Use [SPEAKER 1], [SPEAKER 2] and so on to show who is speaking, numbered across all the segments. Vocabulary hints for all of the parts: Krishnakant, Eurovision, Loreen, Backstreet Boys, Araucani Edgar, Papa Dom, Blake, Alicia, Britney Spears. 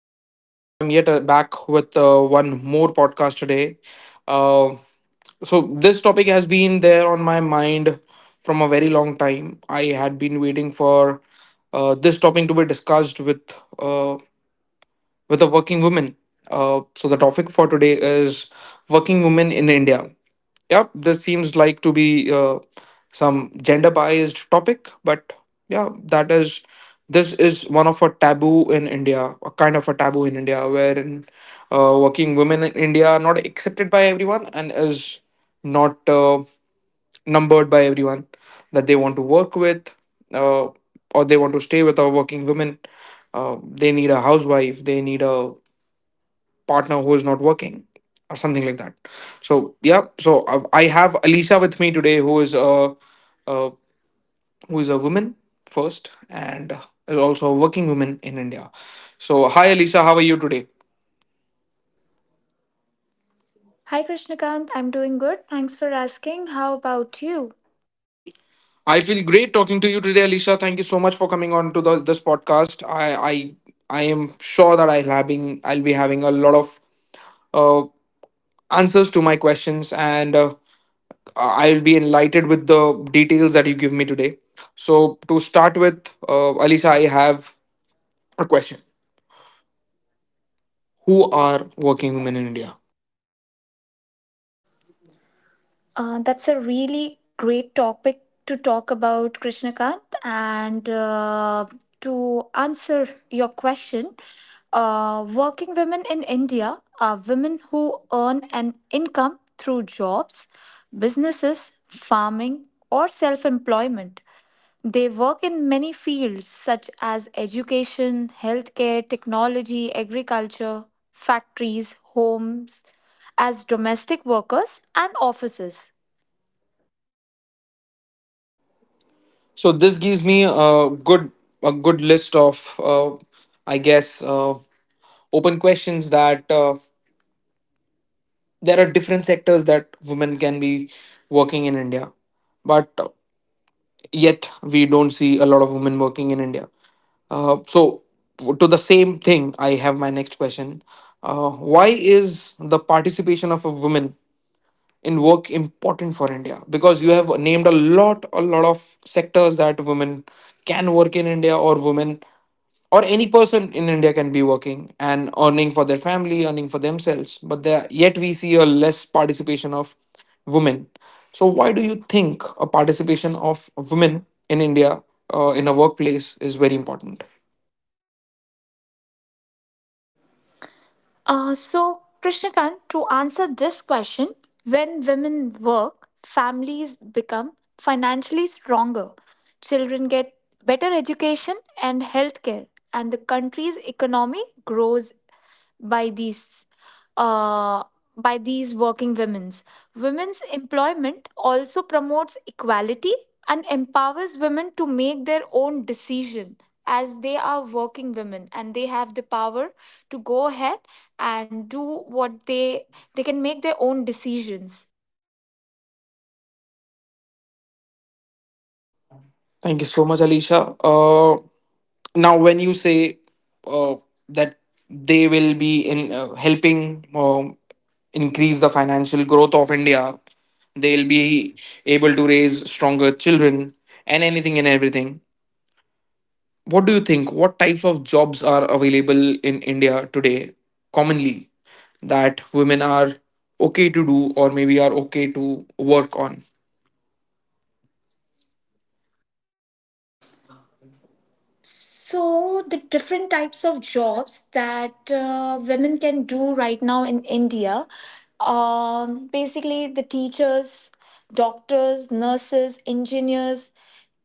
[SPEAKER 1] is Krishnakant. I'm yet back with one more podcast today. Uh, this topic has been there on my mind from a very long time. I had been waiting for this topic to be discussed with uh, with a working woman. The topic for today is working women in India. Yep, this seems like to be some gender biased topic, but yeah, that is this is one of a taboo in India, a kind of a taboo in India, wherein working women in India are not accepted by everyone and is not numbered by everyone that they want to work with uh, or they want to stay with. A working women, they need a housewife, they need a partner who is not working or something like that. So I have Alicia with me today uh, who is a woman first and is also a working woman in India. So hi Alicia, how are you today?
[SPEAKER 2] Hi Krishnakant, I'm doing good. Thanks for asking. How about you?
[SPEAKER 1] I feel great talking to you today, Alicia. Thank you so much for coming on to this podcast. I am sure that I'll be having a lot of uh, answers to my questions, and I'll be enlightened with the details that you give me today. So, to start with, Alisa, I have a question. Who are working women in India?
[SPEAKER 2] That's a really great topic to talk about, Krishnakant. And to answer your question, working women in India are women who earn an income through jobs, businesses, farming, or self employment. They work in many fields such as education, healthcare, technology, agriculture, factories, homes, as domestic workers and offices.
[SPEAKER 1] So, this gives me a good list of, I guess, open questions that there are different sectors that women can be working in India. But yet we don't see a lot of women working in India. Uh, so, to the same thing, I have my next question. Why is the participation of a woman in work important for India? Because you have named a lot of sectors that women can work in India, or women or any person in India can be working and earning for their family, earning for themselves. But there, yet we see a less participation of women. So why do you think a participation of women in India in a workplace is very important?
[SPEAKER 2] So, Krishnakant, to answer this question, when women work, families become financially stronger, children get better education and healthcare, and the country's economy grows by these. Uh, by these working women's. Women's employment also promotes equality and empowers women to make their own decision as they are working women and they have the power to go ahead and do what they can make their own decisions.
[SPEAKER 1] Thank you so much, Alicia. Now, when you say uh, that they will be in helping increase the financial growth of India, they'll be able to raise stronger children and anything and everything. What do you think? What types of jobs are available in India today commonly that women are okay to do, or maybe are okay to work on?
[SPEAKER 2] So, the different types of jobs that women can do right now in India, basically, the teachers, doctors, nurses, engineers,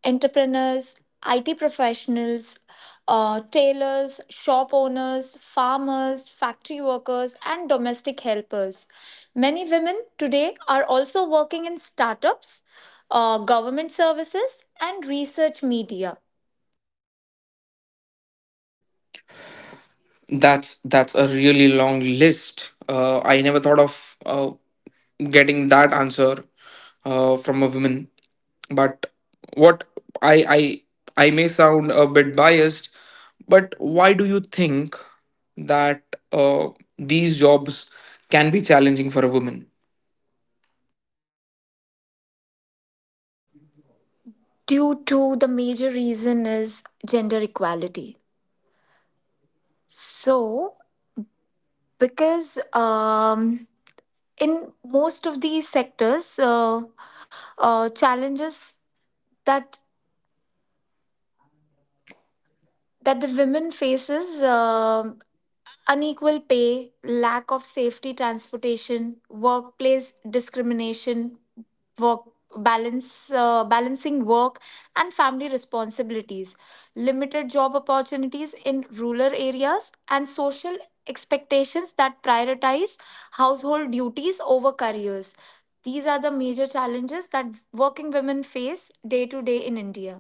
[SPEAKER 2] entrepreneurs, IT professionals, tailors, shop owners, farmers, factory workers, and domestic helpers. Many women today are also working in startups, government services, and research media.
[SPEAKER 1] That's a really long list. I never thought of getting that answer from a woman. But what I I I may sound a bit biased, but why do you think that uh, these jobs can be challenging for a woman?
[SPEAKER 2] Due to the major reason is gender equality. So, because in most of these sectors, challenges that that the women faces. um Unequal pay, lack of safety transportation, workplace discrimination, work balance balancing work and family responsibilities, limited job opportunities in rural areas and social expectations that prioritize household duties over careers. These are the major challenges that working women face day to day in India.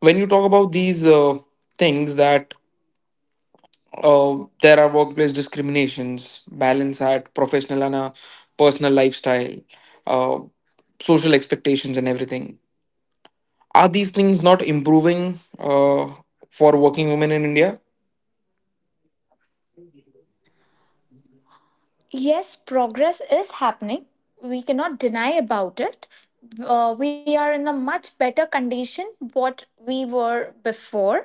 [SPEAKER 1] When you talk about these things, that there are workplace discriminations, balance at professional and a personal lifestyle, uh, social expectations and everything, are these things not improving for working women in India?
[SPEAKER 2] Yes, progress is happening. We cannot deny about it. We are in a much better condition what we were before.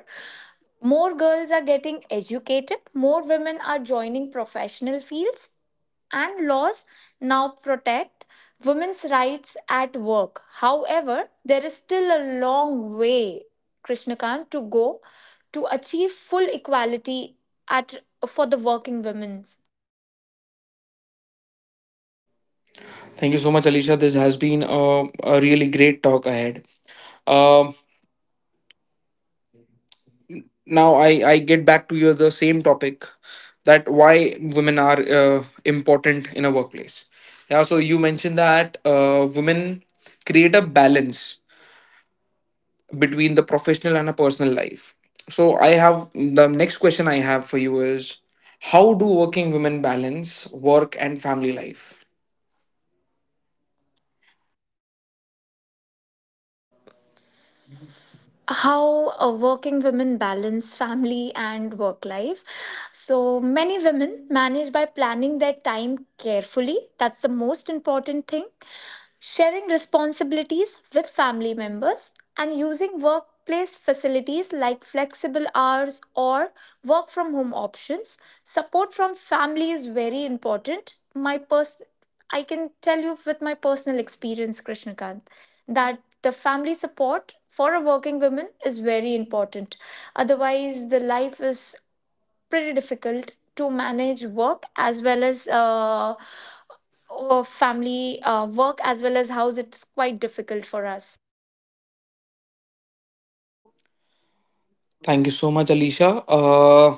[SPEAKER 2] More girls are getting educated. More women are joining professional fields, and laws now protect women's rights at work. However, there is still a long way, Krishnakant, to go to achieve full equality at for the working women.
[SPEAKER 1] Thank you so much, Alicia. This has been a really great talk ahead. Um Now I get back to your the same topic, that why women are important in a workplace. Yeah, so you mentioned that women create a balance between the professional and a personal life. So I have the next question I have for you is, how do working women balance work and family life?
[SPEAKER 2] How working women balance family and work life. So many women manage by planning their time carefully. That's the most important thing. Sharing responsibilities with family members and using workplace facilities like flexible hours or work from home options. Support from family is very important. I can tell you with my personal experience, Krishnakant, that the family support for a working woman is very important. Otherwise, the life is pretty difficult to manage work as well as family work as well as house. It's quite difficult for us.
[SPEAKER 1] Thank you so much, Alicia.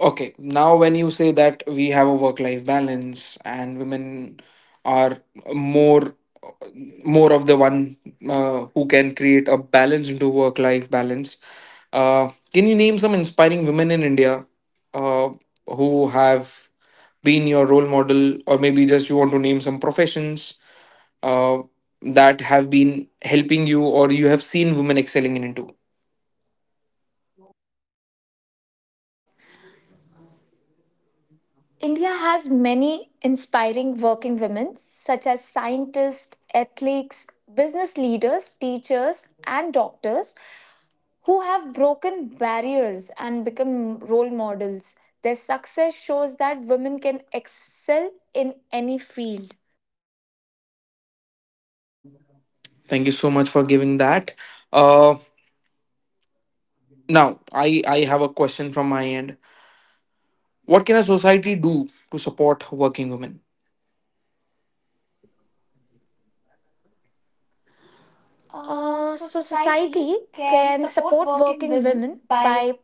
[SPEAKER 1] Okay, now when you say that we have a work life balance and women are more more of the one who can create a balance into work life balance, can you name some inspiring women in India uh, who have been your role model, or maybe just you want to name some professions uh, that have been helping you, or you have seen women excelling in into?
[SPEAKER 2] India has many inspiring working women, such as scientists, athletes, business leaders, teachers, and doctors who have broken barriers and become role models. Their success shows that women can excel in any field.
[SPEAKER 1] Thank you so much for giving that. Uh, Now, I have a question from my end. What can a society do to support working women? So
[SPEAKER 2] So,
[SPEAKER 1] society
[SPEAKER 2] society
[SPEAKER 1] can
[SPEAKER 2] can
[SPEAKER 1] support
[SPEAKER 2] support
[SPEAKER 1] working
[SPEAKER 2] working
[SPEAKER 1] women
[SPEAKER 2] women
[SPEAKER 1] by
[SPEAKER 2] by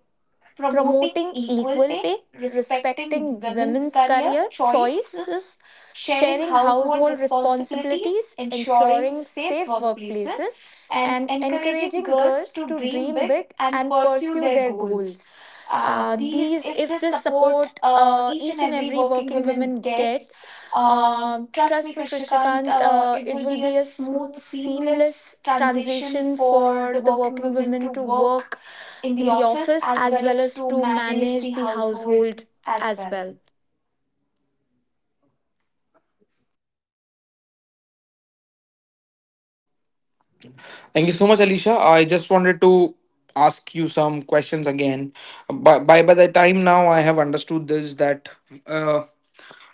[SPEAKER 1] promoting
[SPEAKER 2] promoting
[SPEAKER 1] equal
[SPEAKER 2] equal
[SPEAKER 1] pay,
[SPEAKER 2] pay,
[SPEAKER 1] respecting
[SPEAKER 2] respecting
[SPEAKER 1] women's
[SPEAKER 2] women's
[SPEAKER 1] career
[SPEAKER 2] career
[SPEAKER 1] choices,
[SPEAKER 2] choices,
[SPEAKER 1] sharing
[SPEAKER 2] sharing
[SPEAKER 1] household
[SPEAKER 2] household
[SPEAKER 1] responsibilities,
[SPEAKER 2] responsibilities,
[SPEAKER 1] ensuring
[SPEAKER 2] ensuring
[SPEAKER 1] safe
[SPEAKER 2] safe
[SPEAKER 1] workplaces,
[SPEAKER 2] workplaces,
[SPEAKER 1] and
[SPEAKER 2] and
[SPEAKER 1] encouraging
[SPEAKER 2] encouraging
[SPEAKER 1] girls
[SPEAKER 2] girls
[SPEAKER 1] to
[SPEAKER 2] to
[SPEAKER 1] dream
[SPEAKER 2] dream
[SPEAKER 1] big
[SPEAKER 2] big
[SPEAKER 1] and
[SPEAKER 2] and
[SPEAKER 1] pursue
[SPEAKER 2] pursue
[SPEAKER 1] their
[SPEAKER 2] their
[SPEAKER 1] goals.
[SPEAKER 2] goals.
[SPEAKER 1] These,
[SPEAKER 2] These,
[SPEAKER 1] if
[SPEAKER 2] if
[SPEAKER 1] this
[SPEAKER 2] this
[SPEAKER 1] support
[SPEAKER 2] support
[SPEAKER 1] each and
[SPEAKER 2] each and
[SPEAKER 1] every
[SPEAKER 2] every
[SPEAKER 1] working
[SPEAKER 2] working
[SPEAKER 1] woman
[SPEAKER 2] woman
[SPEAKER 1] gets,
[SPEAKER 2] gets,
[SPEAKER 1] trust me,
[SPEAKER 2] trust me,
[SPEAKER 1] Krishnakant,
[SPEAKER 2] Krishnakant,
[SPEAKER 1] it
[SPEAKER 2] it
[SPEAKER 1] will
[SPEAKER 2] will
[SPEAKER 1] be a
[SPEAKER 2] be a
[SPEAKER 1] smooth,
[SPEAKER 2] smooth,
[SPEAKER 1] seamless
[SPEAKER 2] seamless
[SPEAKER 1] transition
[SPEAKER 2] transition
[SPEAKER 1] for
[SPEAKER 2] for
[SPEAKER 1] the
[SPEAKER 2] the
[SPEAKER 1] working
[SPEAKER 2] working
[SPEAKER 1] women to
[SPEAKER 2] women to
[SPEAKER 1] work
[SPEAKER 2] work
[SPEAKER 1] in the
[SPEAKER 2] in the
[SPEAKER 1] office
[SPEAKER 2] office
[SPEAKER 1] as
[SPEAKER 2] as
[SPEAKER 1] well
[SPEAKER 2] well
[SPEAKER 1] as
[SPEAKER 2] as
[SPEAKER 1] to
[SPEAKER 2] to
[SPEAKER 1] manage the
[SPEAKER 2] manage the
[SPEAKER 1] household
[SPEAKER 2] household
[SPEAKER 1] as
[SPEAKER 2] as
[SPEAKER 1] well.
[SPEAKER 2] well.
[SPEAKER 1] Thank you so much, Alicia. I just wanted to ask you some questions again. By the time now, I have understood this, that uh,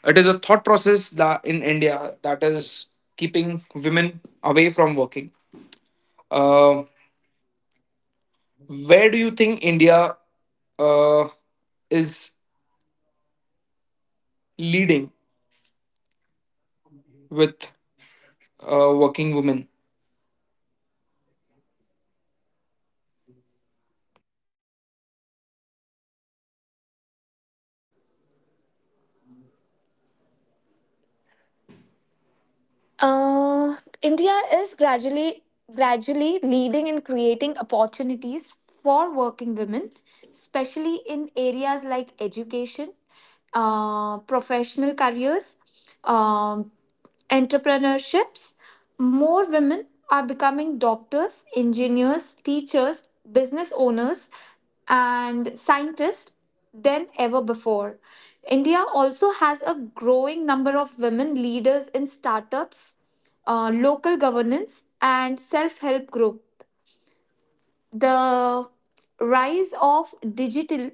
[SPEAKER 1] it is a thought process that in India that is keeping women away from working. Uh, where do you think India uh, is leading with working women?
[SPEAKER 2] Uh, India is gradually leading in creating opportunities for working women, especially in areas like education, professional careers, um, entrepreneurships. More women are becoming doctors, engineers, teachers, business owners, and scientists than ever before. India also has a growing number of women leaders in startups, local governance, and self help groups. The rise of digital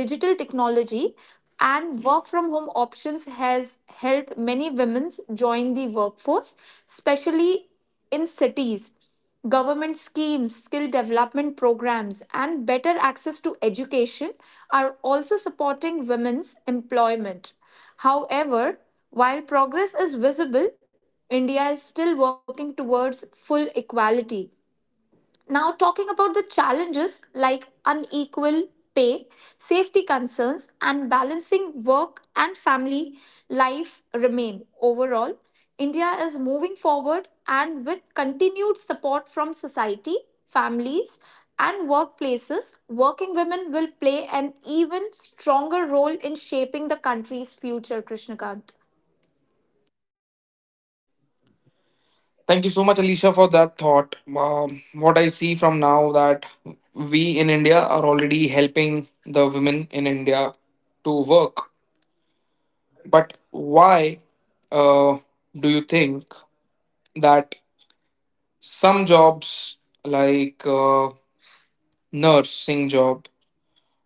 [SPEAKER 2] digital technology and work from home options has helped many women join the workforce, especially in cities. Government schemes, skill development programs and better access to education are also supporting women's employment. However, while progress is visible, India is still working towards full equality. Now, talking about the challenges like unequal pay, safety concerns, and balancing work and family life remain. Overall, India is moving forward and with continued support from society, families, and workplaces, working women will play an even stronger role in shaping the country's future, Krishnakant.
[SPEAKER 1] Thank you so much, Alicia, for that thought. What I see from now, that we in India are already helping the women in India to work, but why uh, do you think that some jobs like nursing job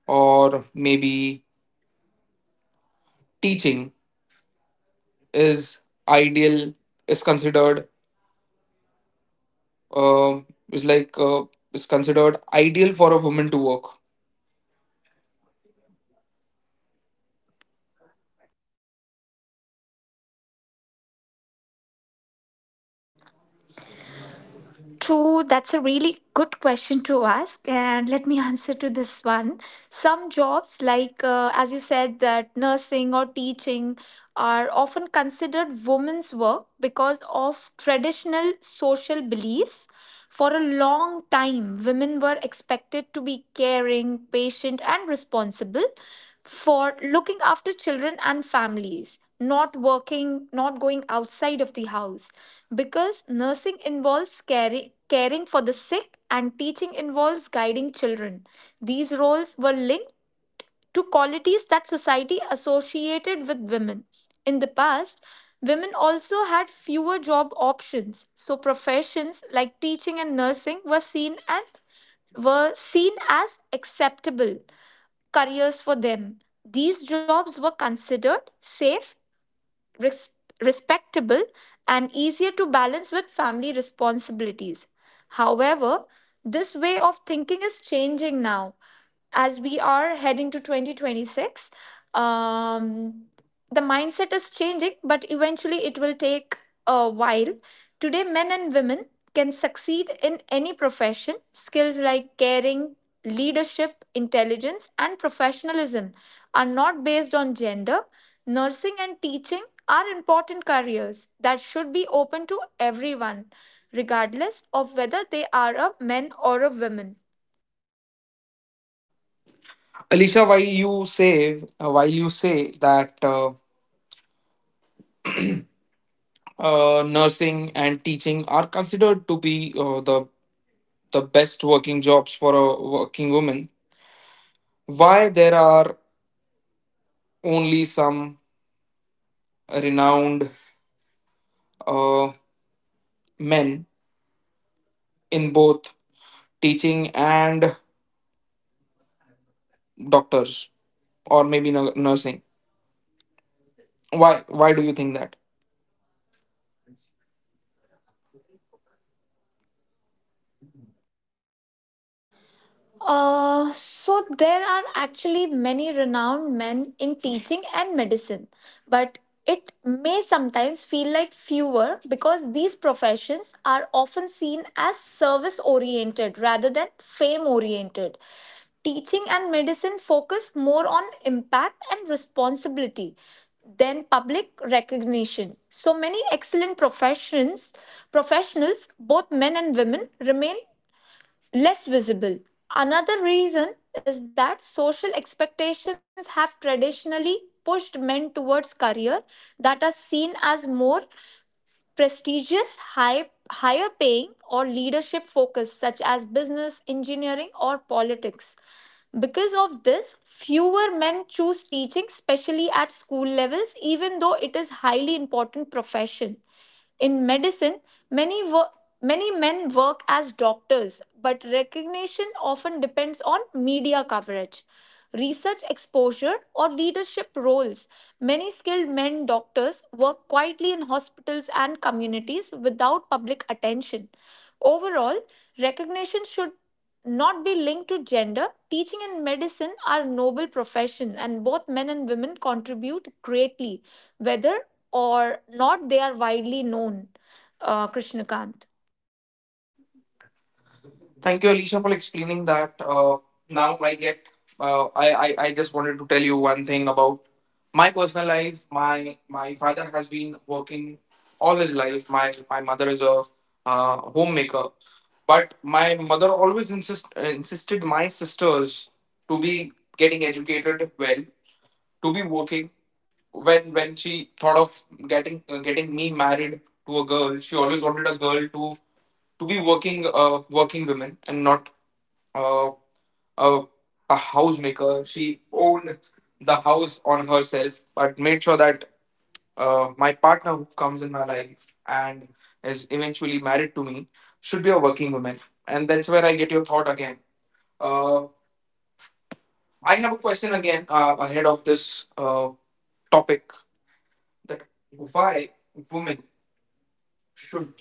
[SPEAKER 1] or maybe teaching is ideal is considered uh, is like uh, is considered ideal for a woman to work?
[SPEAKER 2] True, that's a really good question to ask, and let me answer to this one. Some jobs, like as you said, that nursing or teaching are often considered women's work because of traditional social beliefs. For a long time, women were expected to be caring, patient, and responsible for looking after children and families, not working, not going outside of the house. Because nursing involves caring, caring for the sick and teaching involves guiding children. These roles were linked to qualities that society associated with women. In the past, women also had fewer job options, so professions like teaching and nursing were seen as acceptable careers for them. These jobs were considered safe, res- respectable and easier to balance with family responsibilities. However, this way of thinking is changing now as we are heading to 2026. Um, the mindset is changing, but eventually it will take a while. Today, men and women can succeed in any profession. Skills like caring, leadership, intelligence, and professionalism are not based on gender. Nursing and teaching are important careers that should be open to everyone, regardless of whether they are a man or a woman.
[SPEAKER 1] Alicia, why you say while you say that nursing and teaching are considered to be the best working jobs for a working woman, why there are only some renowned uh, men in both teaching and doctors, or maybe nursing? Why do you think that?
[SPEAKER 2] So there are actually many renowned men in teaching and medicine, but it may sometimes feel like fewer because these professions are often seen as service oriented rather than fame oriented. Teaching and medicine focus more on impact and responsibility than public recognition. So many excellent professions professionals, both men and women, remain less visible. Another reason is that social expectations have traditionally pushed men towards career that are seen as more prestigious, higher paying, or leadership focus, such as business, engineering, or politics. Because of this, fewer men choose teaching, especially at school levels, even though it is highly important profession. In medicine, many wo- many men work as doctors, but recognition often depends on media coverage, research exposure, or leadership roles. Many skilled men doctors work quietly in hospitals and communities without public attention. Overall, recognition should not be linked to gender. Teaching and medicine are noble profession and both men and women contribute greatly whether or not they are widely known. Krishnakant.
[SPEAKER 1] Thank you, Alicia, for explaining that. Now I get. I just wanted to tell you one thing about my personal life. My father has been working all his life. My mother is a homemaker, but my mother always insisted my sisters to be getting educated well, to be working. When she thought of getting me married to a girl, she always wanted a girl to be working working women, and not uh, a, a housemaker. She owned the house on herself, but made sure that my partner who comes in my life and is eventually married to me should be a working woman. And that's where I get your thought again. Uh, I have a question again ahead of this topic, that why women should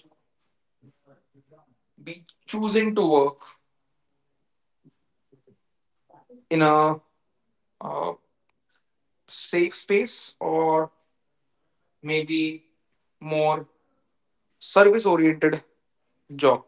[SPEAKER 1] be choosing to work in a uh, safe space, or maybe more service oriented job.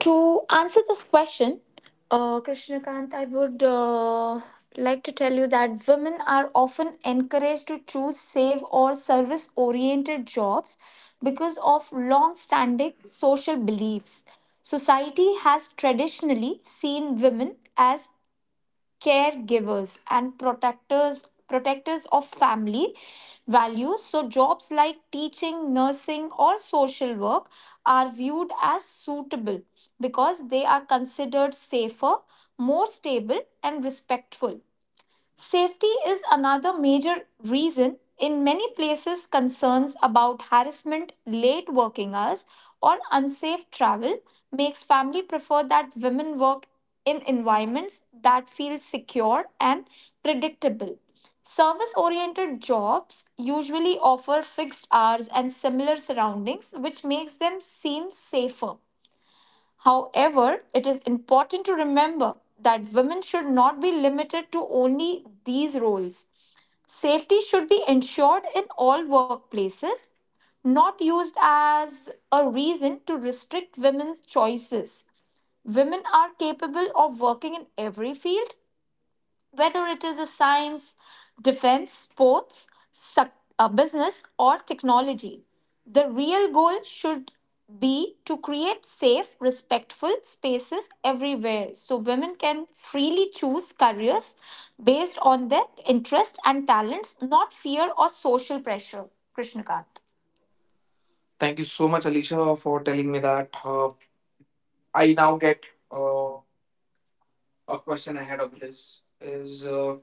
[SPEAKER 2] To answer this question, Krishnakant, I would like to tell you that women are often encouraged to choose save or service oriented jobs because of long standing social beliefs. Society has traditionally seen women as caregivers and protectors of family values, so jobs like teaching, nursing or social work are viewed as suitable because they are considered safer, more stable and respectful. Safety is another major reason in many places concerns about harassment, late working hours or unsafe travel makes family prefer that women work in environments that feel secure and predictable. Service oriented jobs usually offer fixed hours and similar surroundings which makes them seem safer. However, it is important to remember that women should not be limited to only these roles. Safety should be ensured in all workplaces, not used as a reason to restrict women's choices. Women are capable of working in every field, whether it is a science, defense, sports, business, or technology. The real goal should be to create safe, respectful spaces everywhere so women can freely choose careers based on their interests and talents, not fear or social pressure. Krishnakant.
[SPEAKER 1] Thank you so much, Alicia, for telling me that. I now get uh, a question ahead of this is,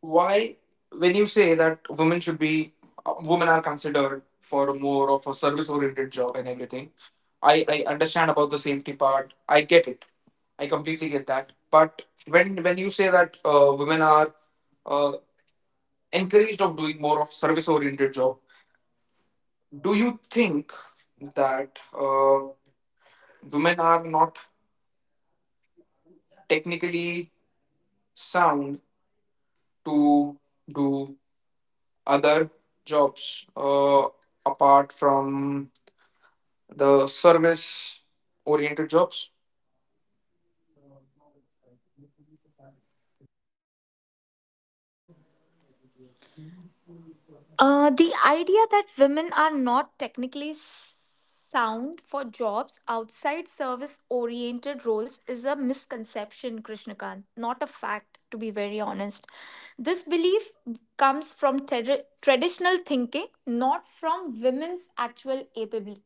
[SPEAKER 1] why, when you say that women should be, women are considered for more of a service oriented job and everything, I understand about the safety part. I get it. I completely get that. But when you say that women are uh, encouraged of doing more of service oriented job, do you think that women are not technically sound to do other jobs apart from the service oriented jobs?
[SPEAKER 2] The idea that women are not technically sound for jobs outside service oriented roles is a misconception, Krishnakant, not a fact, to be very honest. This belief comes from traditional thinking, not from women's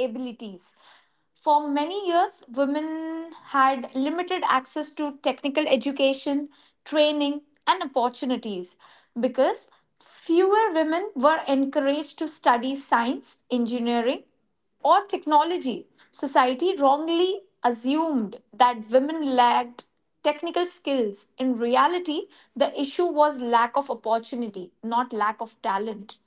[SPEAKER 2] abilities. For many years, women had limited access to technical education, training, and opportunities because fewer women were encouraged to study science, engineering, or technology. Society wrongly assumed that women lacked technical skills. In reality, the issue was lack of opportunity, not lack of talent.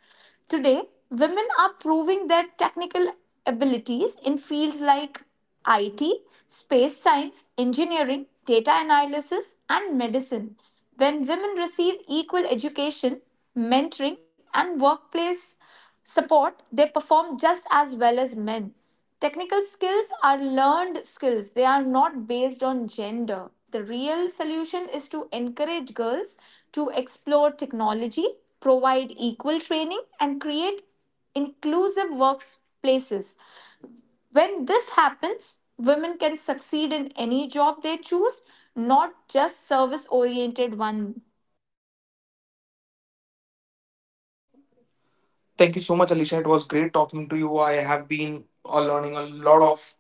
[SPEAKER 2] Today, women are proving their technical abilities in fields like IT, space science, engineering, data analysis, and medicine. When women receive equal education, mentoring, and workplace support, they perform just as well as men. Technical skills are learned skills, they are not based on gender. The real solution is to encourage girls to explore technology, provide equal training, and create inclusive workplaces. When this happens, women can succeed in any job they choose, not just service oriented one.
[SPEAKER 1] Thank you so much, Alicia. It was great talking to you. I have been learning a lot of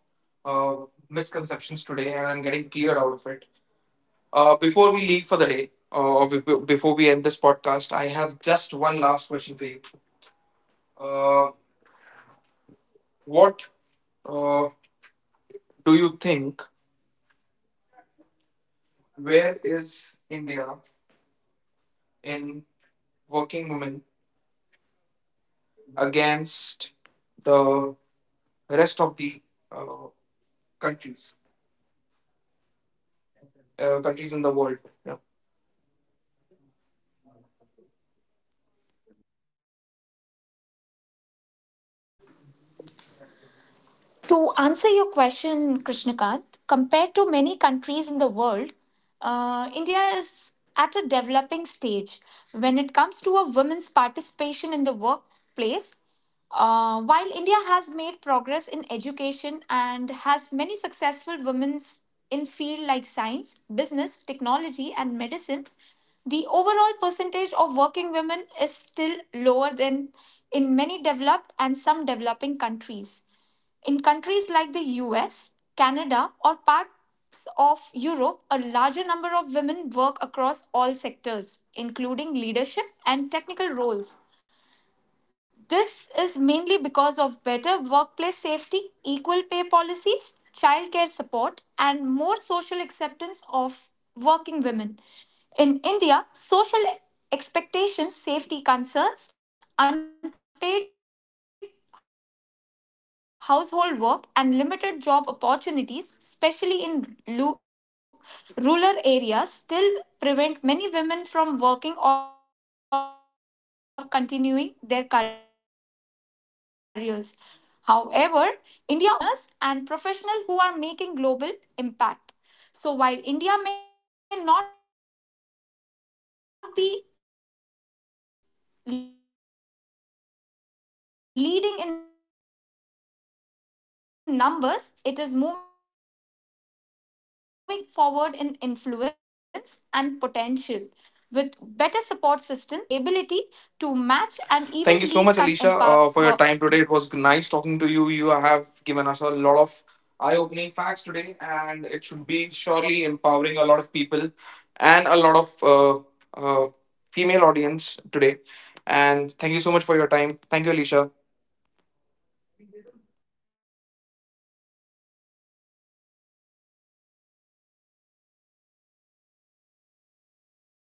[SPEAKER 1] misconceptions today, and I'm getting clear out of it. Before we leave for the day, before we end this podcast, I have just one last question for you. Uh, what uh, do you think, where is India in working women against the rest of the uh, countries? Countries in the world. Yeah.
[SPEAKER 2] To answer your question, Krishnakant, compared to many countries in the world, India is at a developing stage when it comes to a women's participation in the workplace. While India has made progress in education and has many successful women's in fields like science, business, technology, and medicine, the overall percentage of working women is still lower than in many developed and some developing countries. In countries like the US, Canada, or parts of Europe, a larger number of women work across all sectors, including leadership and technical roles. This is mainly because of better workplace safety, equal pay policies, childcare support, and more social acceptance of working women. In India, social expectations, safety concerns, unpaid household work, and limited job opportunities, especially in rural areas, still prevent many women from working or continuing their careers. However, India also stands out for having strong women leadership, entrepreneurs, and professionals who are making global impact. So while India may not be leading in numbers, it is moving forward in influence and potential with better support system, changing mindset, and equal opportunities, India has the ability to match and even lead countries in empowering women wo- working women.
[SPEAKER 1] Thank you so much, Alicia, for your time today. It was nice talking to you. You have given us a lot of eye-opening facts today, and it should be surely empowering a lot of people and a lot of uh, female audience today. And thank you so much for your time. Thank you, Alicia.